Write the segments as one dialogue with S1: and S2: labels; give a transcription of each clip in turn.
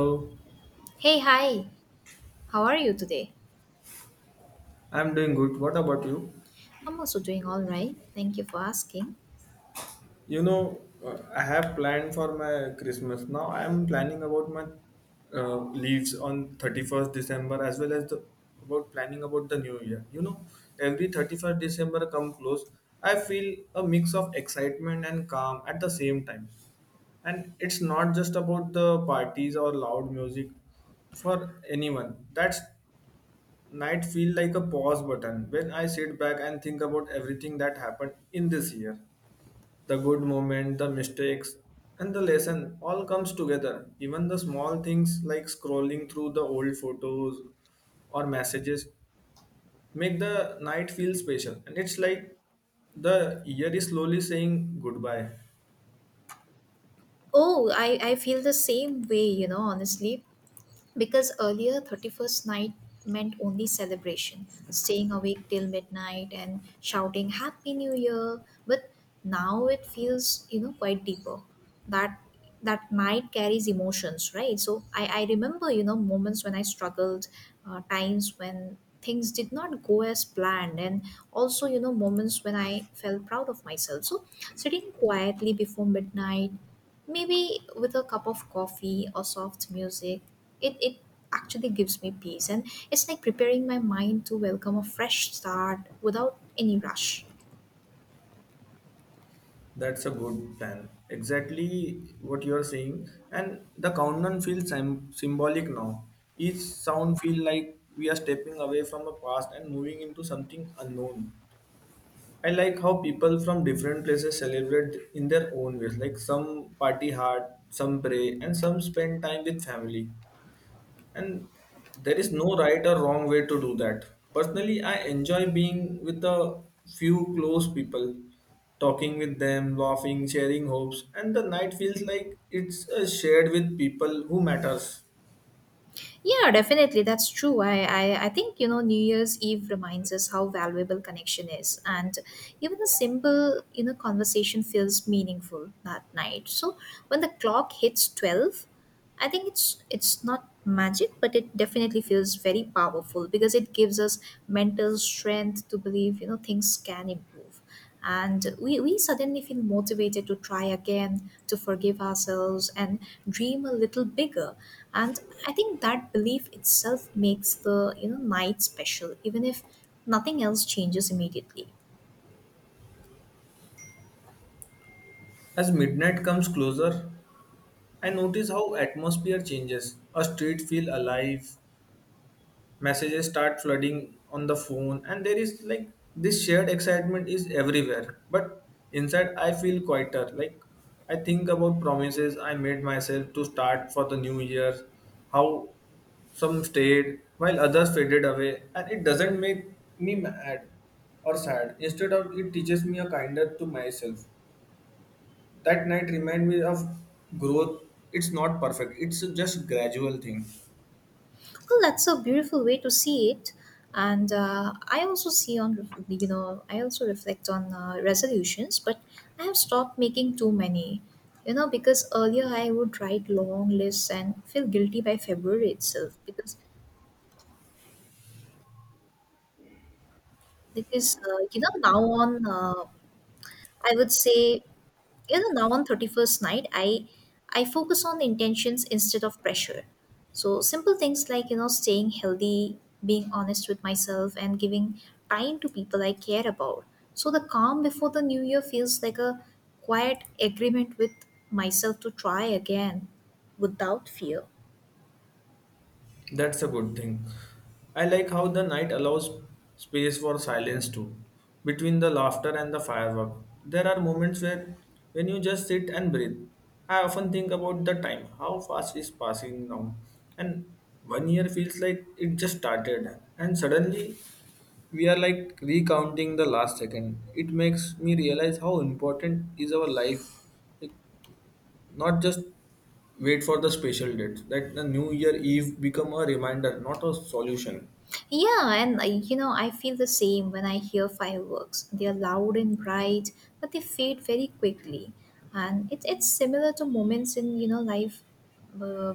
S1: So
S2: Hey, hi. How are you today?
S1: I'm doing good. What about you?
S2: I'm also doing all right. Thank you for asking.
S1: I have planned for my Christmas. Now I'm planning about my uh, leaves on 31st December as well as the about planning about the new year. Every 31st December come close, I feel a mix of excitement and calm at the same time. And it's not just about the parties or loud music for anyone. That's night feel like a pause button when I sit back and think about everything that happened in this year. The good moment, the mistakes, and the lesson all comes together. Even the small things like scrolling through the old photos or messages make the night feel special. And it's like the year is slowly saying goodbye.
S2: Oh, I feel the same way, you know, honestly. Because earlier, 31st night meant only celebration, staying awake till midnight and shouting Happy New Year. But now it feels, you know, quite deeper. That that night carries emotions, right? So I remember, you know, moments when I struggled, times when things did not go as planned, and also, you know, moments when I felt proud of myself. So sitting quietly before midnight, maybe with a cup of coffee or soft music, it actually gives me peace. And it's like preparing my mind to welcome a fresh start without any rush.
S1: That's a good plan. Exactly what you're saying. And the countdown feels sim symbolic now. Each sound feels like we are stepping away from a past and moving into something unknown. I like how people from different places celebrate in their own ways. Like some party hard, some pray, and some spend time with family, and there is no right or wrong way to do that. Personally, I enjoy being with a few close people, talking with them, laughing, sharing hopes, and the night feels like it's shared with people who matters.
S2: Yeah, definitely. That's true. I think, you know, New Year's Eve reminds us how valuable connection is. And even a simple, you know, conversation feels meaningful that night. So when the clock hits 12, I think it's not magic, but it definitely feels very powerful because it gives us mental strength to believe, you know, things can improve. And we suddenly feel motivated to try again, to forgive ourselves and dream a little bigger. And I think that belief itself makes the night special, even if nothing else changes immediately.
S1: As midnight comes closer, I notice how atmosphere changes. A street feel alive, messages start flooding on the phone, and there is like this shared excitement is everywhere. But inside I feel quieter, like I think about promises I made myself to start for the new year, how some stayed while others faded away, and it doesn't make me mad or sad. Instead of it teaches me a kinder to myself. That night remind me of growth. It's not perfect, it's just gradual thing.
S2: Well, that's a beautiful way to see it, and I also see on I also reflect on resolutions, but I have stopped making too many. You know, because earlier I would write long lists and feel guilty by February itself. Because you know now on I would say you know now on 31st night I focus on intentions instead of pressure. So simple things like, you know, staying healthy, being honest with myself, and giving time to people I care about. So the calm before the new year feels like a quiet agreement with myself to try again without fear.
S1: That's a good thing. I like how the night allows space for silence too. Between the laughter and the firework, there are moments where when you just sit and breathe. I often think about the time, how fast is passing now. And one year feels like it just started and suddenly we are like recounting the last second. It makes me realize how important is our life, not just wait for the special date. Let the new year eve become a reminder, not a solution.
S2: Yeah, and you know, I feel the same when I hear fireworks. They are loud and bright, but they fade very quickly. And it's similar to moments in, you know, life. Uh,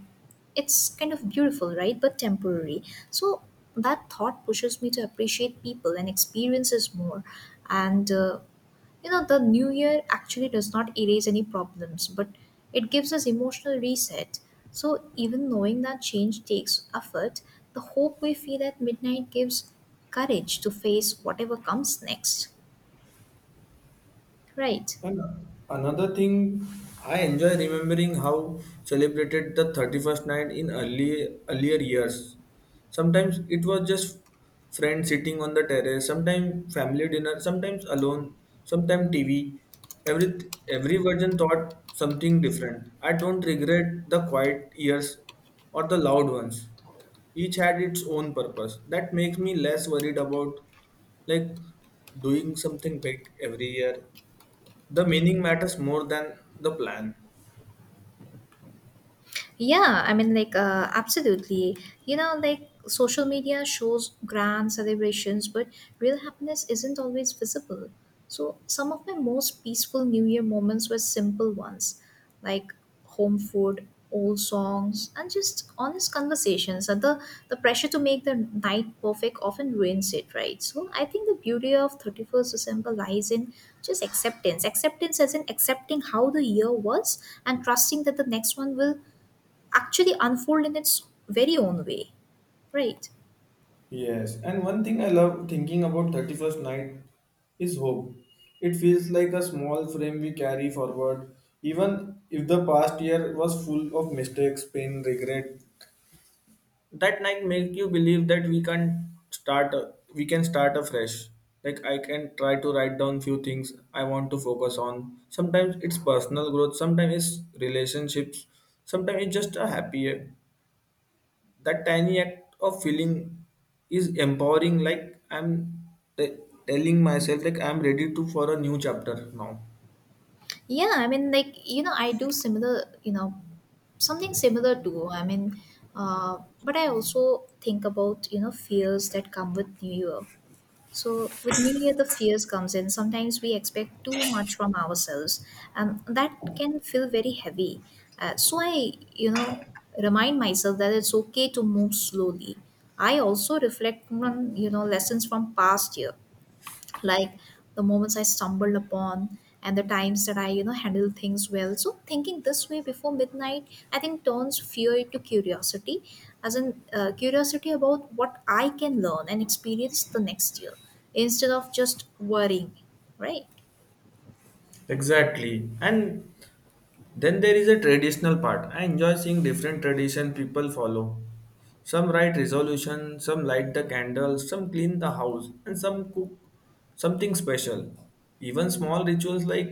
S2: it's kind of beautiful, right? But temporary. So that thought pushes me to appreciate people and experiences more. And you know, the new year actually does not erase any problems, but it gives us emotional reset. So even knowing that change takes effort, the hope we feel at midnight gives courage to face whatever comes next. Right.
S1: And another thing, I enjoy remembering how celebrated the 31st night in early earlier years. Sometimes it was just friends sitting on the terrace, sometimes family dinner, sometimes alone, sometimes TV. Every every version taught something different. I don't regret the quiet years or the loud ones. Each had its own purpose. That makes me less worried about like doing something big every year. The meaning matters more than the plan.
S2: Yeah, I mean, like, absolutely. You know, like, social media shows grand celebrations, but real happiness isn't always visible. So some of my most peaceful New Year moments were simple ones, like home food, old songs, and just honest conversations. And the pressure to make the night perfect often ruins it, right? So I think the beauty of 31st December lies in just acceptance. Acceptance as in accepting how the year was and trusting that the next one will actually unfold in its very own way, right?
S1: Yes, and one thing I love thinking about 31st night is hope. It feels like a small frame we carry forward, even if the past year was full of mistakes, pain, regret. That night make you believe that we can start afresh. Like I can try to write down few things I want to focus on. Sometimes it's personal growth, sometimes it's relationships, sometimes it's just a happy. That tiny act of feeling is empowering, like I'm t- telling myself like I'm ready to for a new chapter now.
S2: Yeah, I mean, like, you know, I do similar, you know, something similar too. I mean, but I also think about, you know, fears that come with new year. So with new year the fears comes in. Sometimes we expect too much from ourselves and that can feel very heavy. So I, you know, remind myself that it's okay to move slowly. I also reflect on, you know, lessons from past year, like the moments I stumbled upon and the times that I, you know, handle things well. So thinking this way before midnight, I think turns fear into curiosity, as in curiosity about what I can learn and experience the next year instead of just worrying, right?
S1: Exactly. And then there is a traditional part. I enjoy seeing different tradition people follow. Some write resolution, some light the candles, some clean the house, and some cook something special. Even small rituals like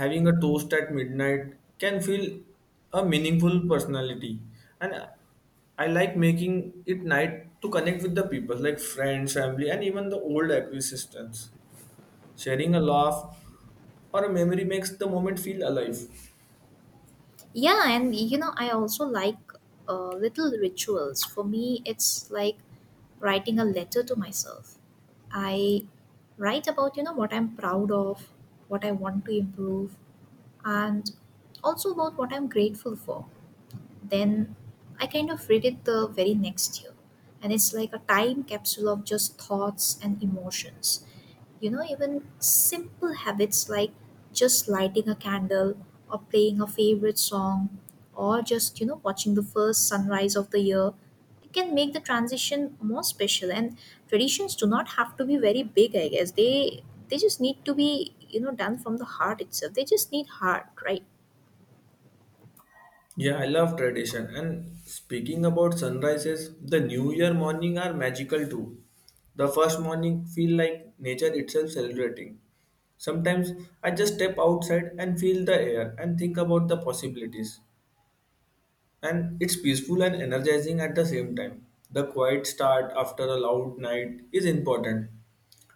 S1: having a toast at midnight can feel a meaningful personality. And I like making it night to connect with the people, like friends, family, and even the old acquaintances. Sharing a laugh or a memory makes the moment feel alive.
S2: Yeah, and you know, I also like little rituals. For me it's like writing a letter to myself. I write about, you know, what I'm proud of, what I want to improve, and also about what I'm grateful for. Then I kind of read it the very next year, and it's like a time capsule of just thoughts and emotions. You know, even simple habits like just lighting a candle or playing a favorite song or just, you know, watching the first sunrise of the year. It can make the transition more special. And traditions do not have to be very big, I guess. They just need to be, you know, done from the heart itself. They just need heart, right?
S1: Yeah, I love tradition. And speaking about sunrises, the New Year morning are magical too. The first morning feel like nature itself celebrating. Sometimes I just step outside and feel the air and think about the possibilities, and it's peaceful and energizing at the same time. The quiet start after a loud night is important.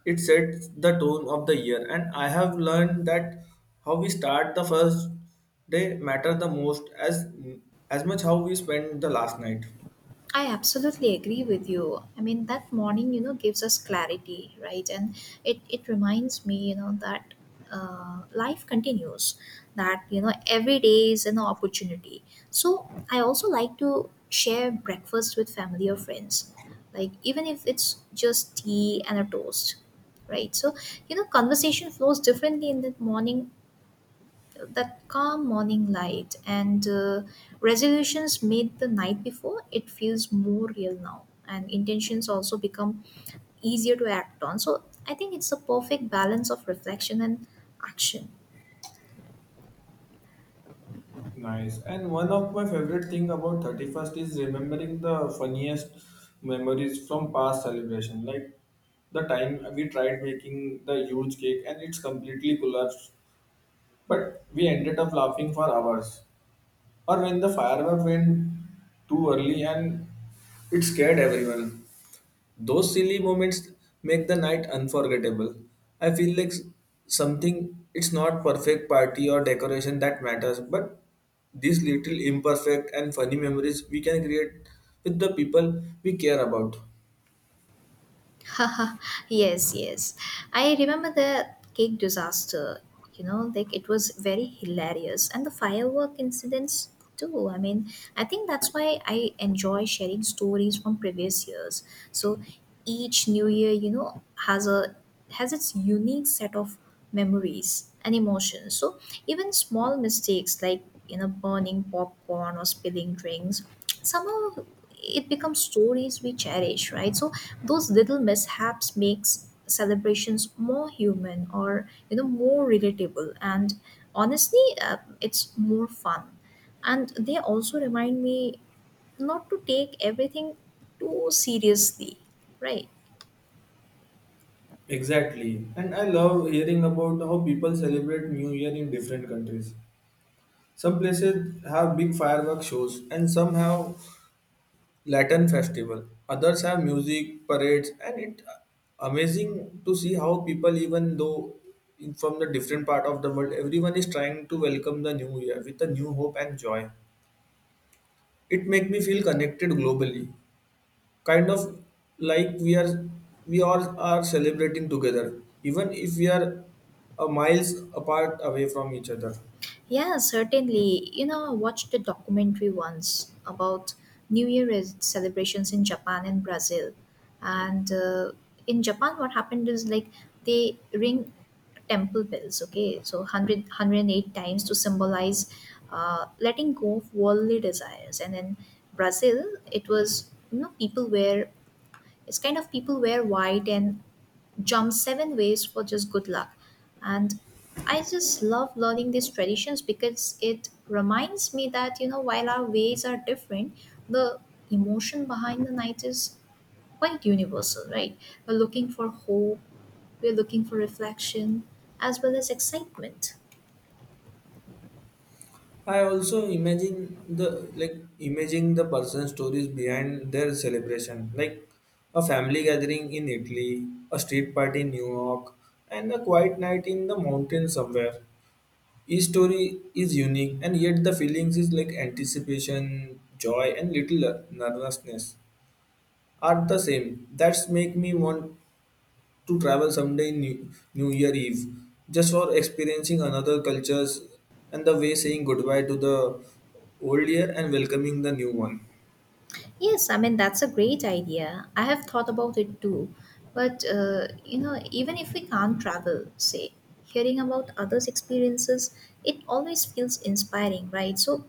S1: It sets the tone of the year, and I have learned that how we start the first day matter the most as much how we spend the last night.
S2: I absolutely agree with you. I mean, that morning, you know, gives us clarity, right? And it reminds me, you know, that life continues, that, you know, every day is an opportunity. So I also like to share breakfast with family or friends, like even if it's just tea and a toast, right? So, you know, conversation flows differently in the morning. That calm morning light and resolutions made the night before, it feels more real now, and intentions also become easier to act on. So I think it's a perfect balance of reflection and action.
S1: Nice. And one of my favorite thing about 31st is remembering the funniest memories from past celebration. Like the time we tried making the huge cake and it's completely collapsed, but we ended up laughing for hours. Or when the firework went too early and it scared everyone. Those silly moments make the night unforgettable. I feel like something, it's not perfect party or decoration that matters, but these little imperfect and funny memories we can create with the people we care about.
S2: Haha, yes, yes. I remember the cake disaster. You know, like it was very hilarious, and the firework incidents too. I mean, I think that's why I enjoy sharing stories from previous years. So each new year, you know, has a has its unique set of memories and emotions. So even small mistakes like, you know, burning popcorn or spilling drinks, somehow it becomes stories we cherish, right? So those little mishaps makes celebrations more human or, you know, more relatable and honestly, it's more fun. And they also remind me not to take everything too seriously, right?
S1: Exactly. And I love hearing about how people celebrate New Year in different countries. Some places have big firework shows and some have Latin festival. Others have music, parades, and it amazing to see how people even though in from the different part of the world, everyone is trying to welcome the new year with a new hope and joy. It make me feel connected globally, kind of like we all are celebrating together, even if we are a miles apart away from each other.
S2: Yeah, certainly. You know, I watched a documentary once about New Year celebrations in Japan and Brazil. And in Japan, what happened is like they ring temple bells, okay? So 100, times to symbolize letting go of worldly desires. And in Brazil, it was, you know, people wear, it's kind of people wear white and jump seven ways for just good luck. And I just love learning these traditions because it reminds me that, you know, while our ways are different, the emotion behind the night is quite universal, right? We're looking for hope, we're looking for reflection, as well as excitement.
S1: I also imagine the like imagine the person stories behind their celebration, like a family gathering in Italy, a street party in New York, and a quiet night in the mountain somewhere. Each story is unique, and yet the feelings is like anticipation, joy, and little nervousness are the same. That's make me want to travel someday in New Year Eve just for experiencing another cultures and the way saying goodbye to the old year and welcoming the new one.
S2: Yes, I mean, that's a great idea. I have thought about it too. But, you know, even if we can't travel, say, hearing about others' experiences, it always feels inspiring, right? So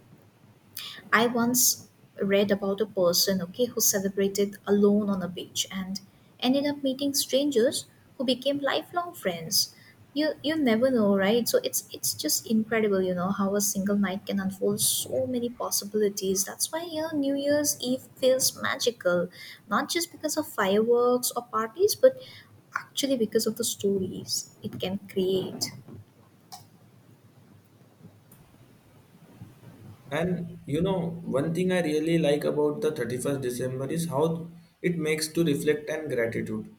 S2: I once read about a person, okay, who celebrated alone on a beach and ended up meeting strangers who became lifelong friends. You never know, right? So it's just incredible, you know, how a single night can unfold so many possibilities. That's why, you know, New Year's Eve feels magical, not just because of fireworks or parties, but actually because of the stories it can create.
S1: And one thing I really like about the 31st December is how it makes to reflect and gratitude.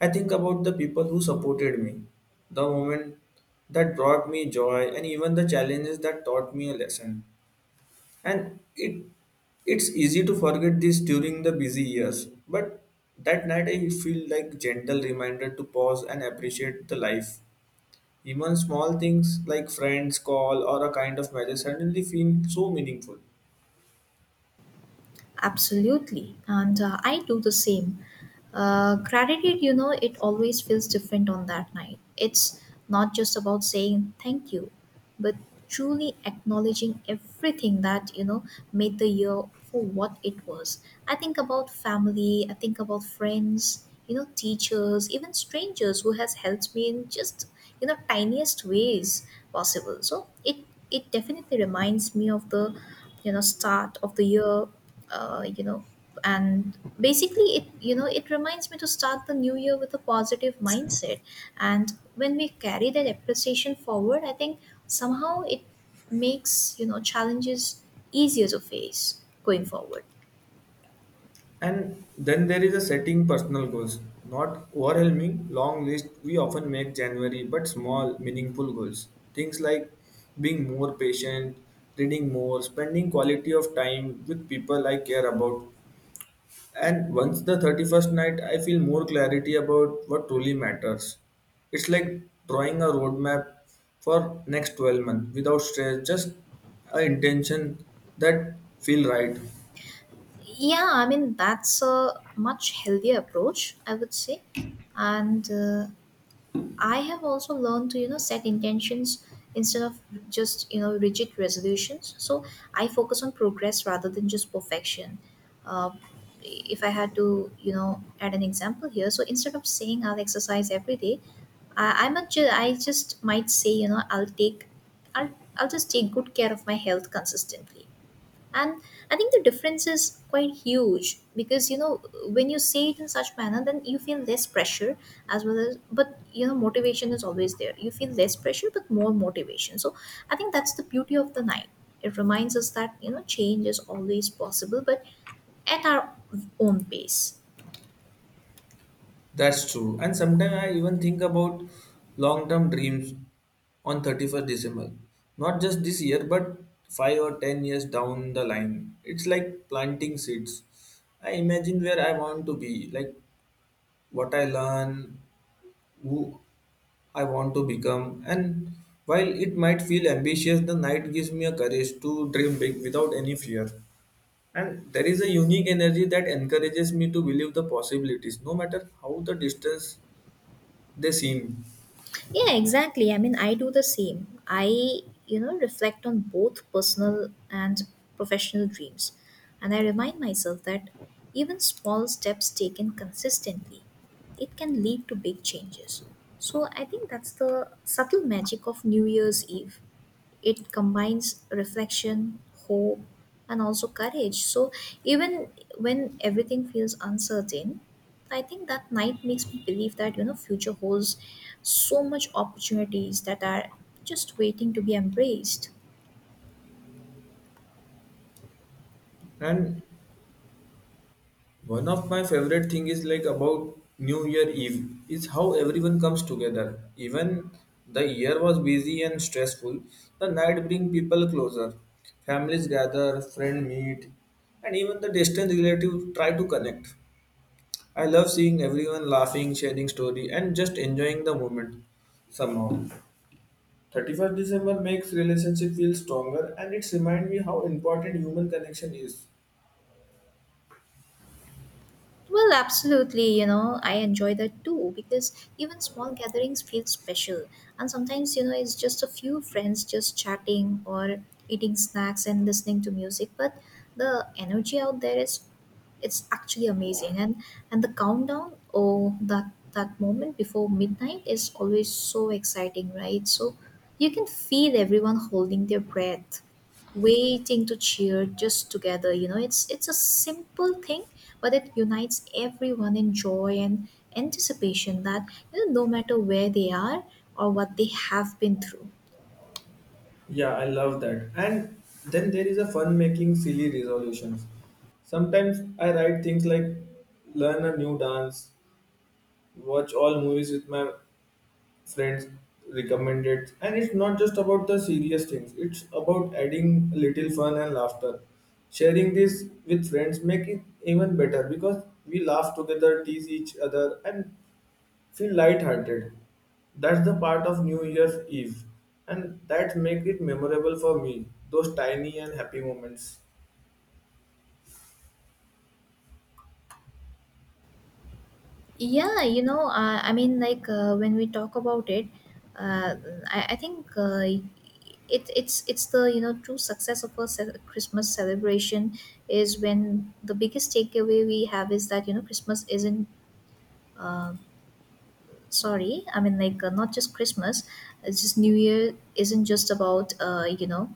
S1: I think about the people who supported me, the moment that brought me joy, and even the challenges that taught me a lesson. And it's easy to forget this during the busy years, but that night I feel like gentle reminder to pause and appreciate the life. Even small things like friends call or a kind of message suddenly feel so meaningful.
S2: Absolutely. And I do the same. Gratitude, you know, it always feels different on that night. It's not just about saying thank you, but truly acknowledging everything that, you know, made the year for what it was. I think about family, I think about friends, you know, teachers, even strangers who has helped me in just, you know, tiniest ways possible. So it definitely reminds me of the, you know, start of the year, you know, and basically it, you know, it reminds me to start the new year with a positive mindset. And when we carry that appreciation forward, I think somehow it makes, you know, challenges easier to face going forward.
S1: And then there is a setting personal goals, not overwhelming long list. We often make January, but small meaningful goals. Things like being more patient, reading more, spending quality of time with people I care about. And once the 31st night, I feel more clarity about what truly matters. It's like drawing a roadmap for next 12 months without stress, just a intention that feel right.
S2: Yeah, I mean, that's a much healthier approach, I would say. And I have also learned to, you know, set intentions instead of just, you know, rigid resolutions. So I focus on progress rather than just perfection. Uh, if I had to, you know, add an example here, so instead of saying I'll exercise every day, I just might say, you know, I'll, I'll just take good care of my health consistently. And I think the difference is quite huge because, you know, when you say it in such manner, then you feel less pressure, as well as, but you know, motivation is always there. You feel less pressure but more motivation. So I think that's the beauty of the night. It reminds us that, you know, change is always possible but at our own pace.
S1: That's true. And sometimes I even think about long-term dreams on 31st December. Not just this year, but 5 or 10 years down the line. It's like planting seeds. I imagine where I want to be, like what I learn, who I want to become. And while it might feel ambitious, the night gives me a courage to dream big without any fear. And there is a unique energy that encourages me to believe the possibilities, no matter how the distance they seem.
S2: Yeah, exactly. I mean, I do the same. I, you know, reflect on both personal and professional dreams. And I remind myself that even small steps taken consistently, it can lead to big changes. So I think that's the subtle magic of New Year's Eve. It combines reflection, hope, and also courage. So even when everything feels uncertain, I think that night makes me believe that, you know, future holds so much opportunities that are just waiting to be embraced.
S1: And one of my favorite thing is like about New Year Eve is how everyone comes together. Even the year was busy and stressful, the night bring people closer. Families gather, friends meet, and even the distant relatives try to connect. I love seeing everyone laughing, sharing story, and just enjoying the moment somehow. 31st December makes relationship feel stronger and it reminds me how important human connection is.
S2: Well, absolutely. You know, I enjoy that too because even small gatherings feel special. And sometimes, you know, it's just a few friends just chatting or eating snacks and listening to music. But the energy out there is it's actually amazing, and the countdown or that moment before midnight is always so exciting, right? So you can feel everyone holding their breath waiting to cheer just together. You know, it's a simple thing, but it unites everyone in joy and anticipation. That you know no matter where they are or what they have been through.
S1: Yeah, I love that. And then there is a fun making silly resolutions. Sometimes I write things like learn a new dance, watch all movies with my friends recommended. And it's not just about the serious things, it's about adding a little fun and laughter. Sharing this with friends make it even better because we laugh together, tease each other and feel light-hearted. That's the part of New Year's Eve, and that make it memorable for me. Those tiny and happy moments.
S2: Yeah. When we talk about it, uh, I think, it's the, you know, true success of a Christmas celebration is when the biggest takeaway we have is that, you know, Christmas isn't sorry I mean like not just Christmas. It's just New Year isn't just about, you know,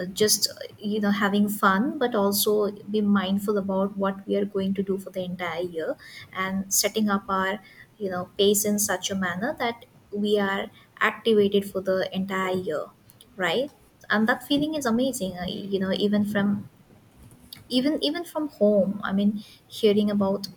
S2: just you know, having fun, but also be mindful about what we are going to do for the entire year and setting up our, you know, pace in such a manner that we are activated for the entire year, right? And that feeling is amazing. You know, even from even from home, I mean, hearing about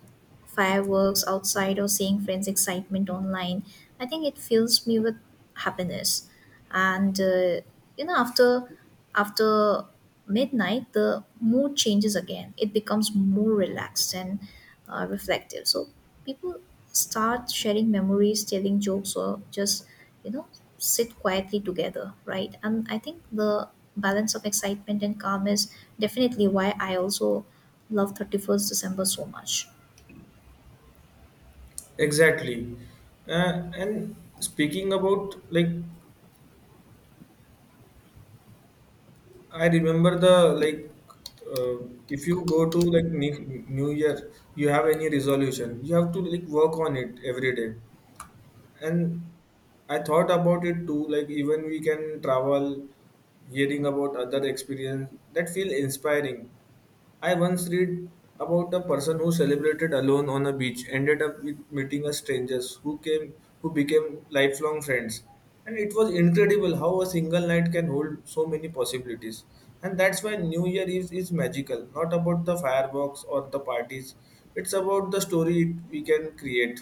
S2: fireworks outside or seeing friends' excitement online, I think it fills me with happiness. And you know, after after midnight, the mood changes again. It becomes more relaxed and reflective. So people start sharing memories, telling jokes, or just, you know, sit quietly together, right? And I think the balance of excitement and calm is definitely why I also love 31st December so much.
S1: Exactly. And speaking about like I remember the like if you go to like New Year, you have any resolution, you have to like work on it every day. And I thought about it too, like even we can travel, hearing about other experience that feel inspiring. I once read about a person who celebrated alone on a beach ended up with meeting a strangers who came who became lifelong friends. And it was incredible how a single night can hold so many possibilities. And that's why new year is magical, not about the fireworks or the parties. It's about the story we can create.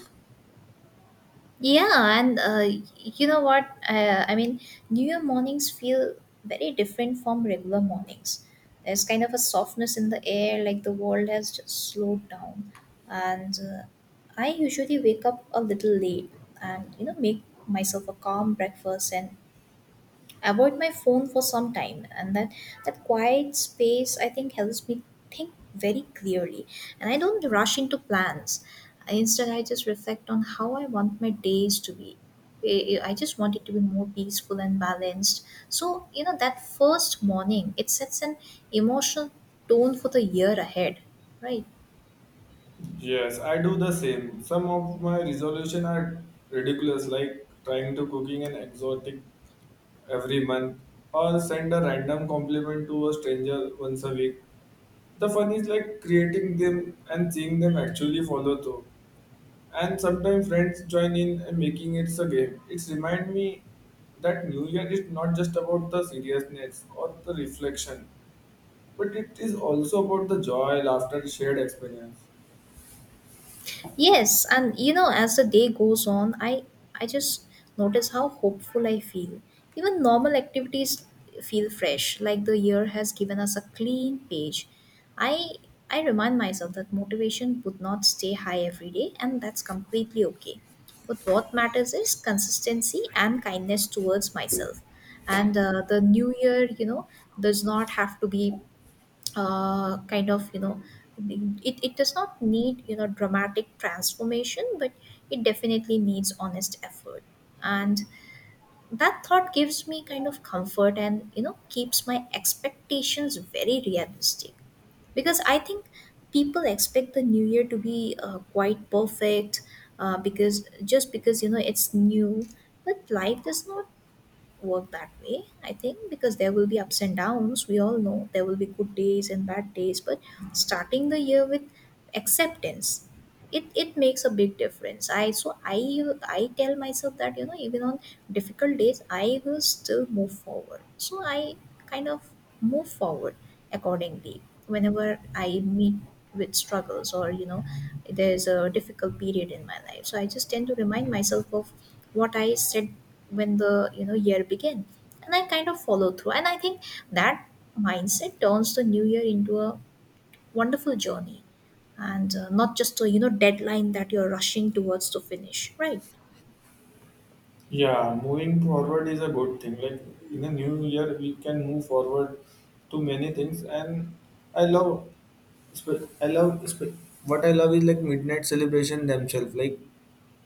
S2: Yeah. And you know what? I mean, New Year mornings feel very different from regular mornings. There's kind of a softness in the air, like the world has just slowed down. And I usually wake up a little late and, you know, make myself a calm breakfast and avoid my phone for some time. And that quiet space, I think, helps me think very clearly, and I don't rush into plans. Instead, I just reflect on how I want my days to be. I just want it to be more peaceful and balanced. So, you know, that first morning, it sets an emotional tone for the year ahead, right?
S1: Yes, I do the same. Some of my resolution are ridiculous, like trying to cooking an exotic every month or send a random compliment to a stranger once a week. The fun is like creating them and seeing them actually follow through. And sometimes friends join in and making it a game. It's remind me that New Year is not just about the seriousness or the reflection, but it is also about the joy, laughter, shared experience.
S2: Yes. And you know, as the day goes on, I just notice how hopeful I feel. Even normal activities feel fresh, like the year has given us a clean page. I I remind myself that motivation would not stay high every day, and that's completely okay. But what matters is consistency and kindness towards myself. And the new year, you know, does not have to be kind of, you know, it does not need, you know, dramatic transformation, but it definitely needs honest effort. And that thought gives me kind of comfort, and, you know, keeps my expectations very realistic. Because I think people expect the new year to be, quite perfect, because just because, you know, it's new. But life does not work that way, I think, because there will be ups and downs. We all know there will be good days and bad days. But starting the year with acceptance, it makes a big difference. I so i I tell myself that, you know, even on difficult days, I will still move forward. So I kind of move forward accordingly whenever I meet with struggles, or, you know, there's a difficult period in my life. So I just tend to remind myself of what I said when the, you know, year begin, and I kind of follow through. And I think that mindset turns the new year into a wonderful journey, and not just a, you know, deadline that you're rushing towards to finish, right?
S1: Yeah, moving forward is a good thing. Like in the new year, we can move forward to many things, and I love, spe- I love spe- what I love is like midnight celebration themselves. Like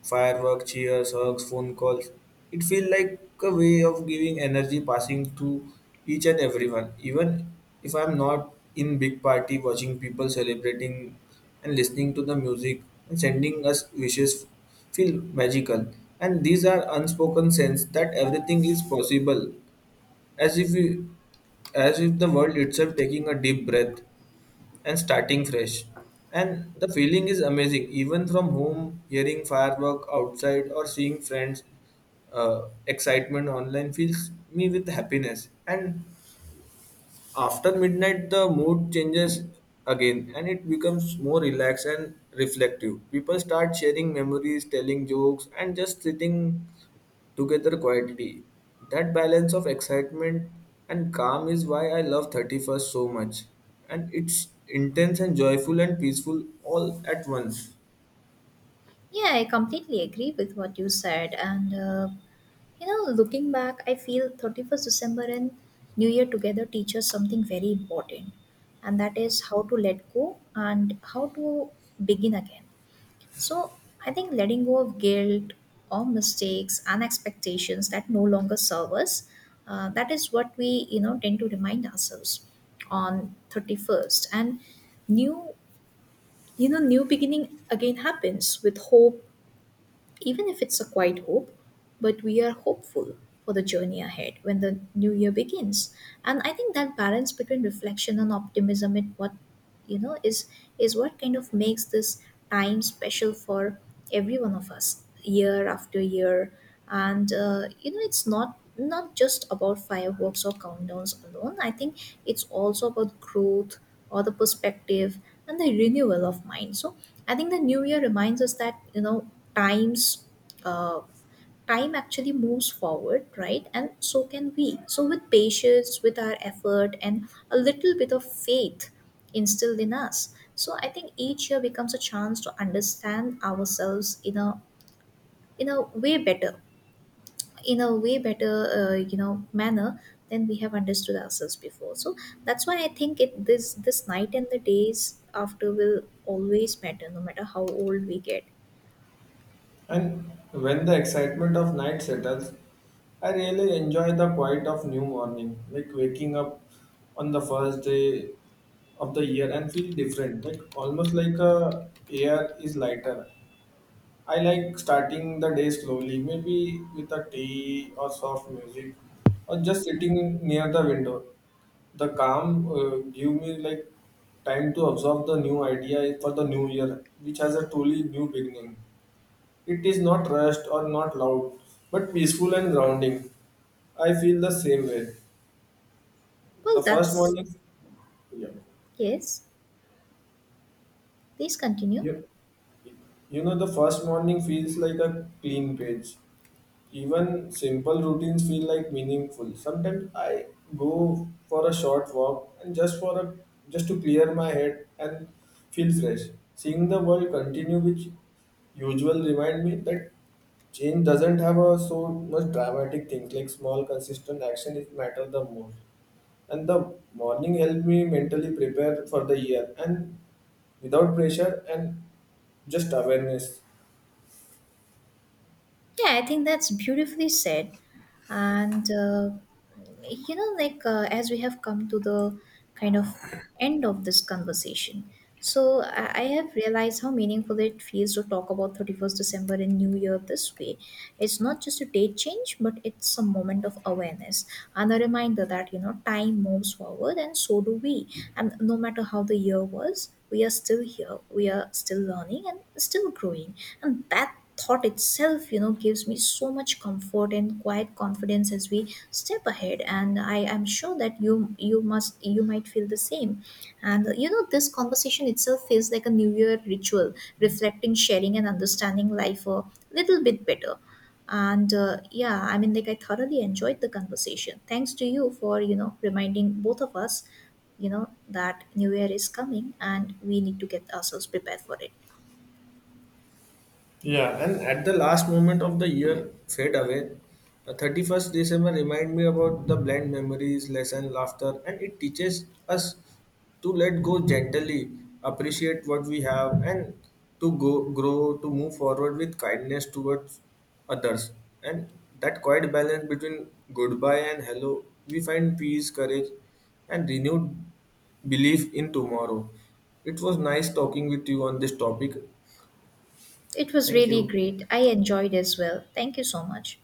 S1: fireworks, cheers, hugs, phone calls. It feels like a way of giving energy passing to each and everyone. Even if I'm not in big party, watching people celebrating and listening to the music and sending us wishes feel magical. And these are unspoken sense that everything is possible, as if we as if the world itself taking a deep breath and starting fresh. And the feeling is amazing, even from home hearing firework outside or seeing friends excitement online fills me with happiness. And after midnight the mood changes again and it becomes more relaxed and reflective. People start sharing memories, telling jokes, and just sitting together quietly. That balance of excitement and calm is why I love 31st so much. And it's intense and joyful and peaceful all at once.
S2: Yeah, I completely agree with what you said. And you know, looking back, I feel 31st December and new year together teach us something very important, and that is how to let go and how to begin again. So I think letting go of guilt or mistakes and expectations that no longer serve us, that is what we, you know, tend to remind ourselves on 31st. And new you know, new beginning again happens with hope, even if it's a quiet hope, but we are hopeful for the journey ahead when the new year begins. And I think that balance between reflection and optimism, it what, you know, is what kind of makes this time special for every one of us year after year. And you know, it's not just about fireworks or countdowns alone. I think it's also about growth or the perspective and the renewal of mind. So I think the new year reminds us that, you know, times, uh, time actually moves forward, right? And so can we. So with patience, with our effort, and a little bit of faith instilled in us, so I think each year becomes a chance to understand ourselves in a way better in a way better you know, manner, than we have understood ourselves before. So that's why I think it, this night and the days after will always matter, no matter how old we get.
S1: And when the excitement of night settles, I really enjoy the quiet of new morning, like waking up on the first day of the year and feel different, like almost like a air is lighter. I like starting the day slowly, maybe with a tea or soft music, or just sitting near the window. The calm give me like time to absorb the new idea for the new year, which has a truly new beginning. It is not rushed or not loud, but peaceful and grounding. I feel the same way. The
S2: Well,
S1: first
S2: that's
S1: morning, yeah,
S2: yes. Please continue.
S1: yeah. The first morning feels like a clean page. Even simple routines feel like meaningful. Sometimes I go for a short walk and just for a just to clear my head and feel fresh. Seeing the world continue with usual remind me that change doesn't have a so much dramatic things, like small consistent action is matter the most. And the morning helped me mentally prepare for the year, and without pressure and just awareness.
S2: Yeah, I think that's beautifully said. And, you know, like as we have come to the kind of end of this conversation, so I have realized how meaningful it feels to talk about 31st December and New Year this way. It's not just a date change, but it's a moment of awareness and a reminder that, you know, time moves forward and so do we. And no matter how the year was, we are still here, we are still learning and still growing. And that thought itself, you know, gives me so much comfort and quiet confidence as we step ahead. And I am sure that you must, you might feel the same. And you know, this conversation itself feels like a new year ritual, reflecting, sharing, and understanding life a little bit better. And yeah, I mean, like, I thoroughly enjoyed the conversation. Thanks to you for, you know, reminding both of us, you know, that new year is coming and we need to get ourselves prepared for it.
S1: Yeah, and at the last moment of the year fade away, 31st December remind me about the bland memories, lesson, laughter, and it teaches us to let go gently, appreciate what we have, and to go grow, to move forward with kindness towards others. And that quiet balance between goodbye and hello, we find peace, courage, and renewed belief in tomorrow. It was nice talking with you on this topic.
S2: It was
S1: Thank
S2: really
S1: you.
S2: great. I enjoyed as well. Thank you so much.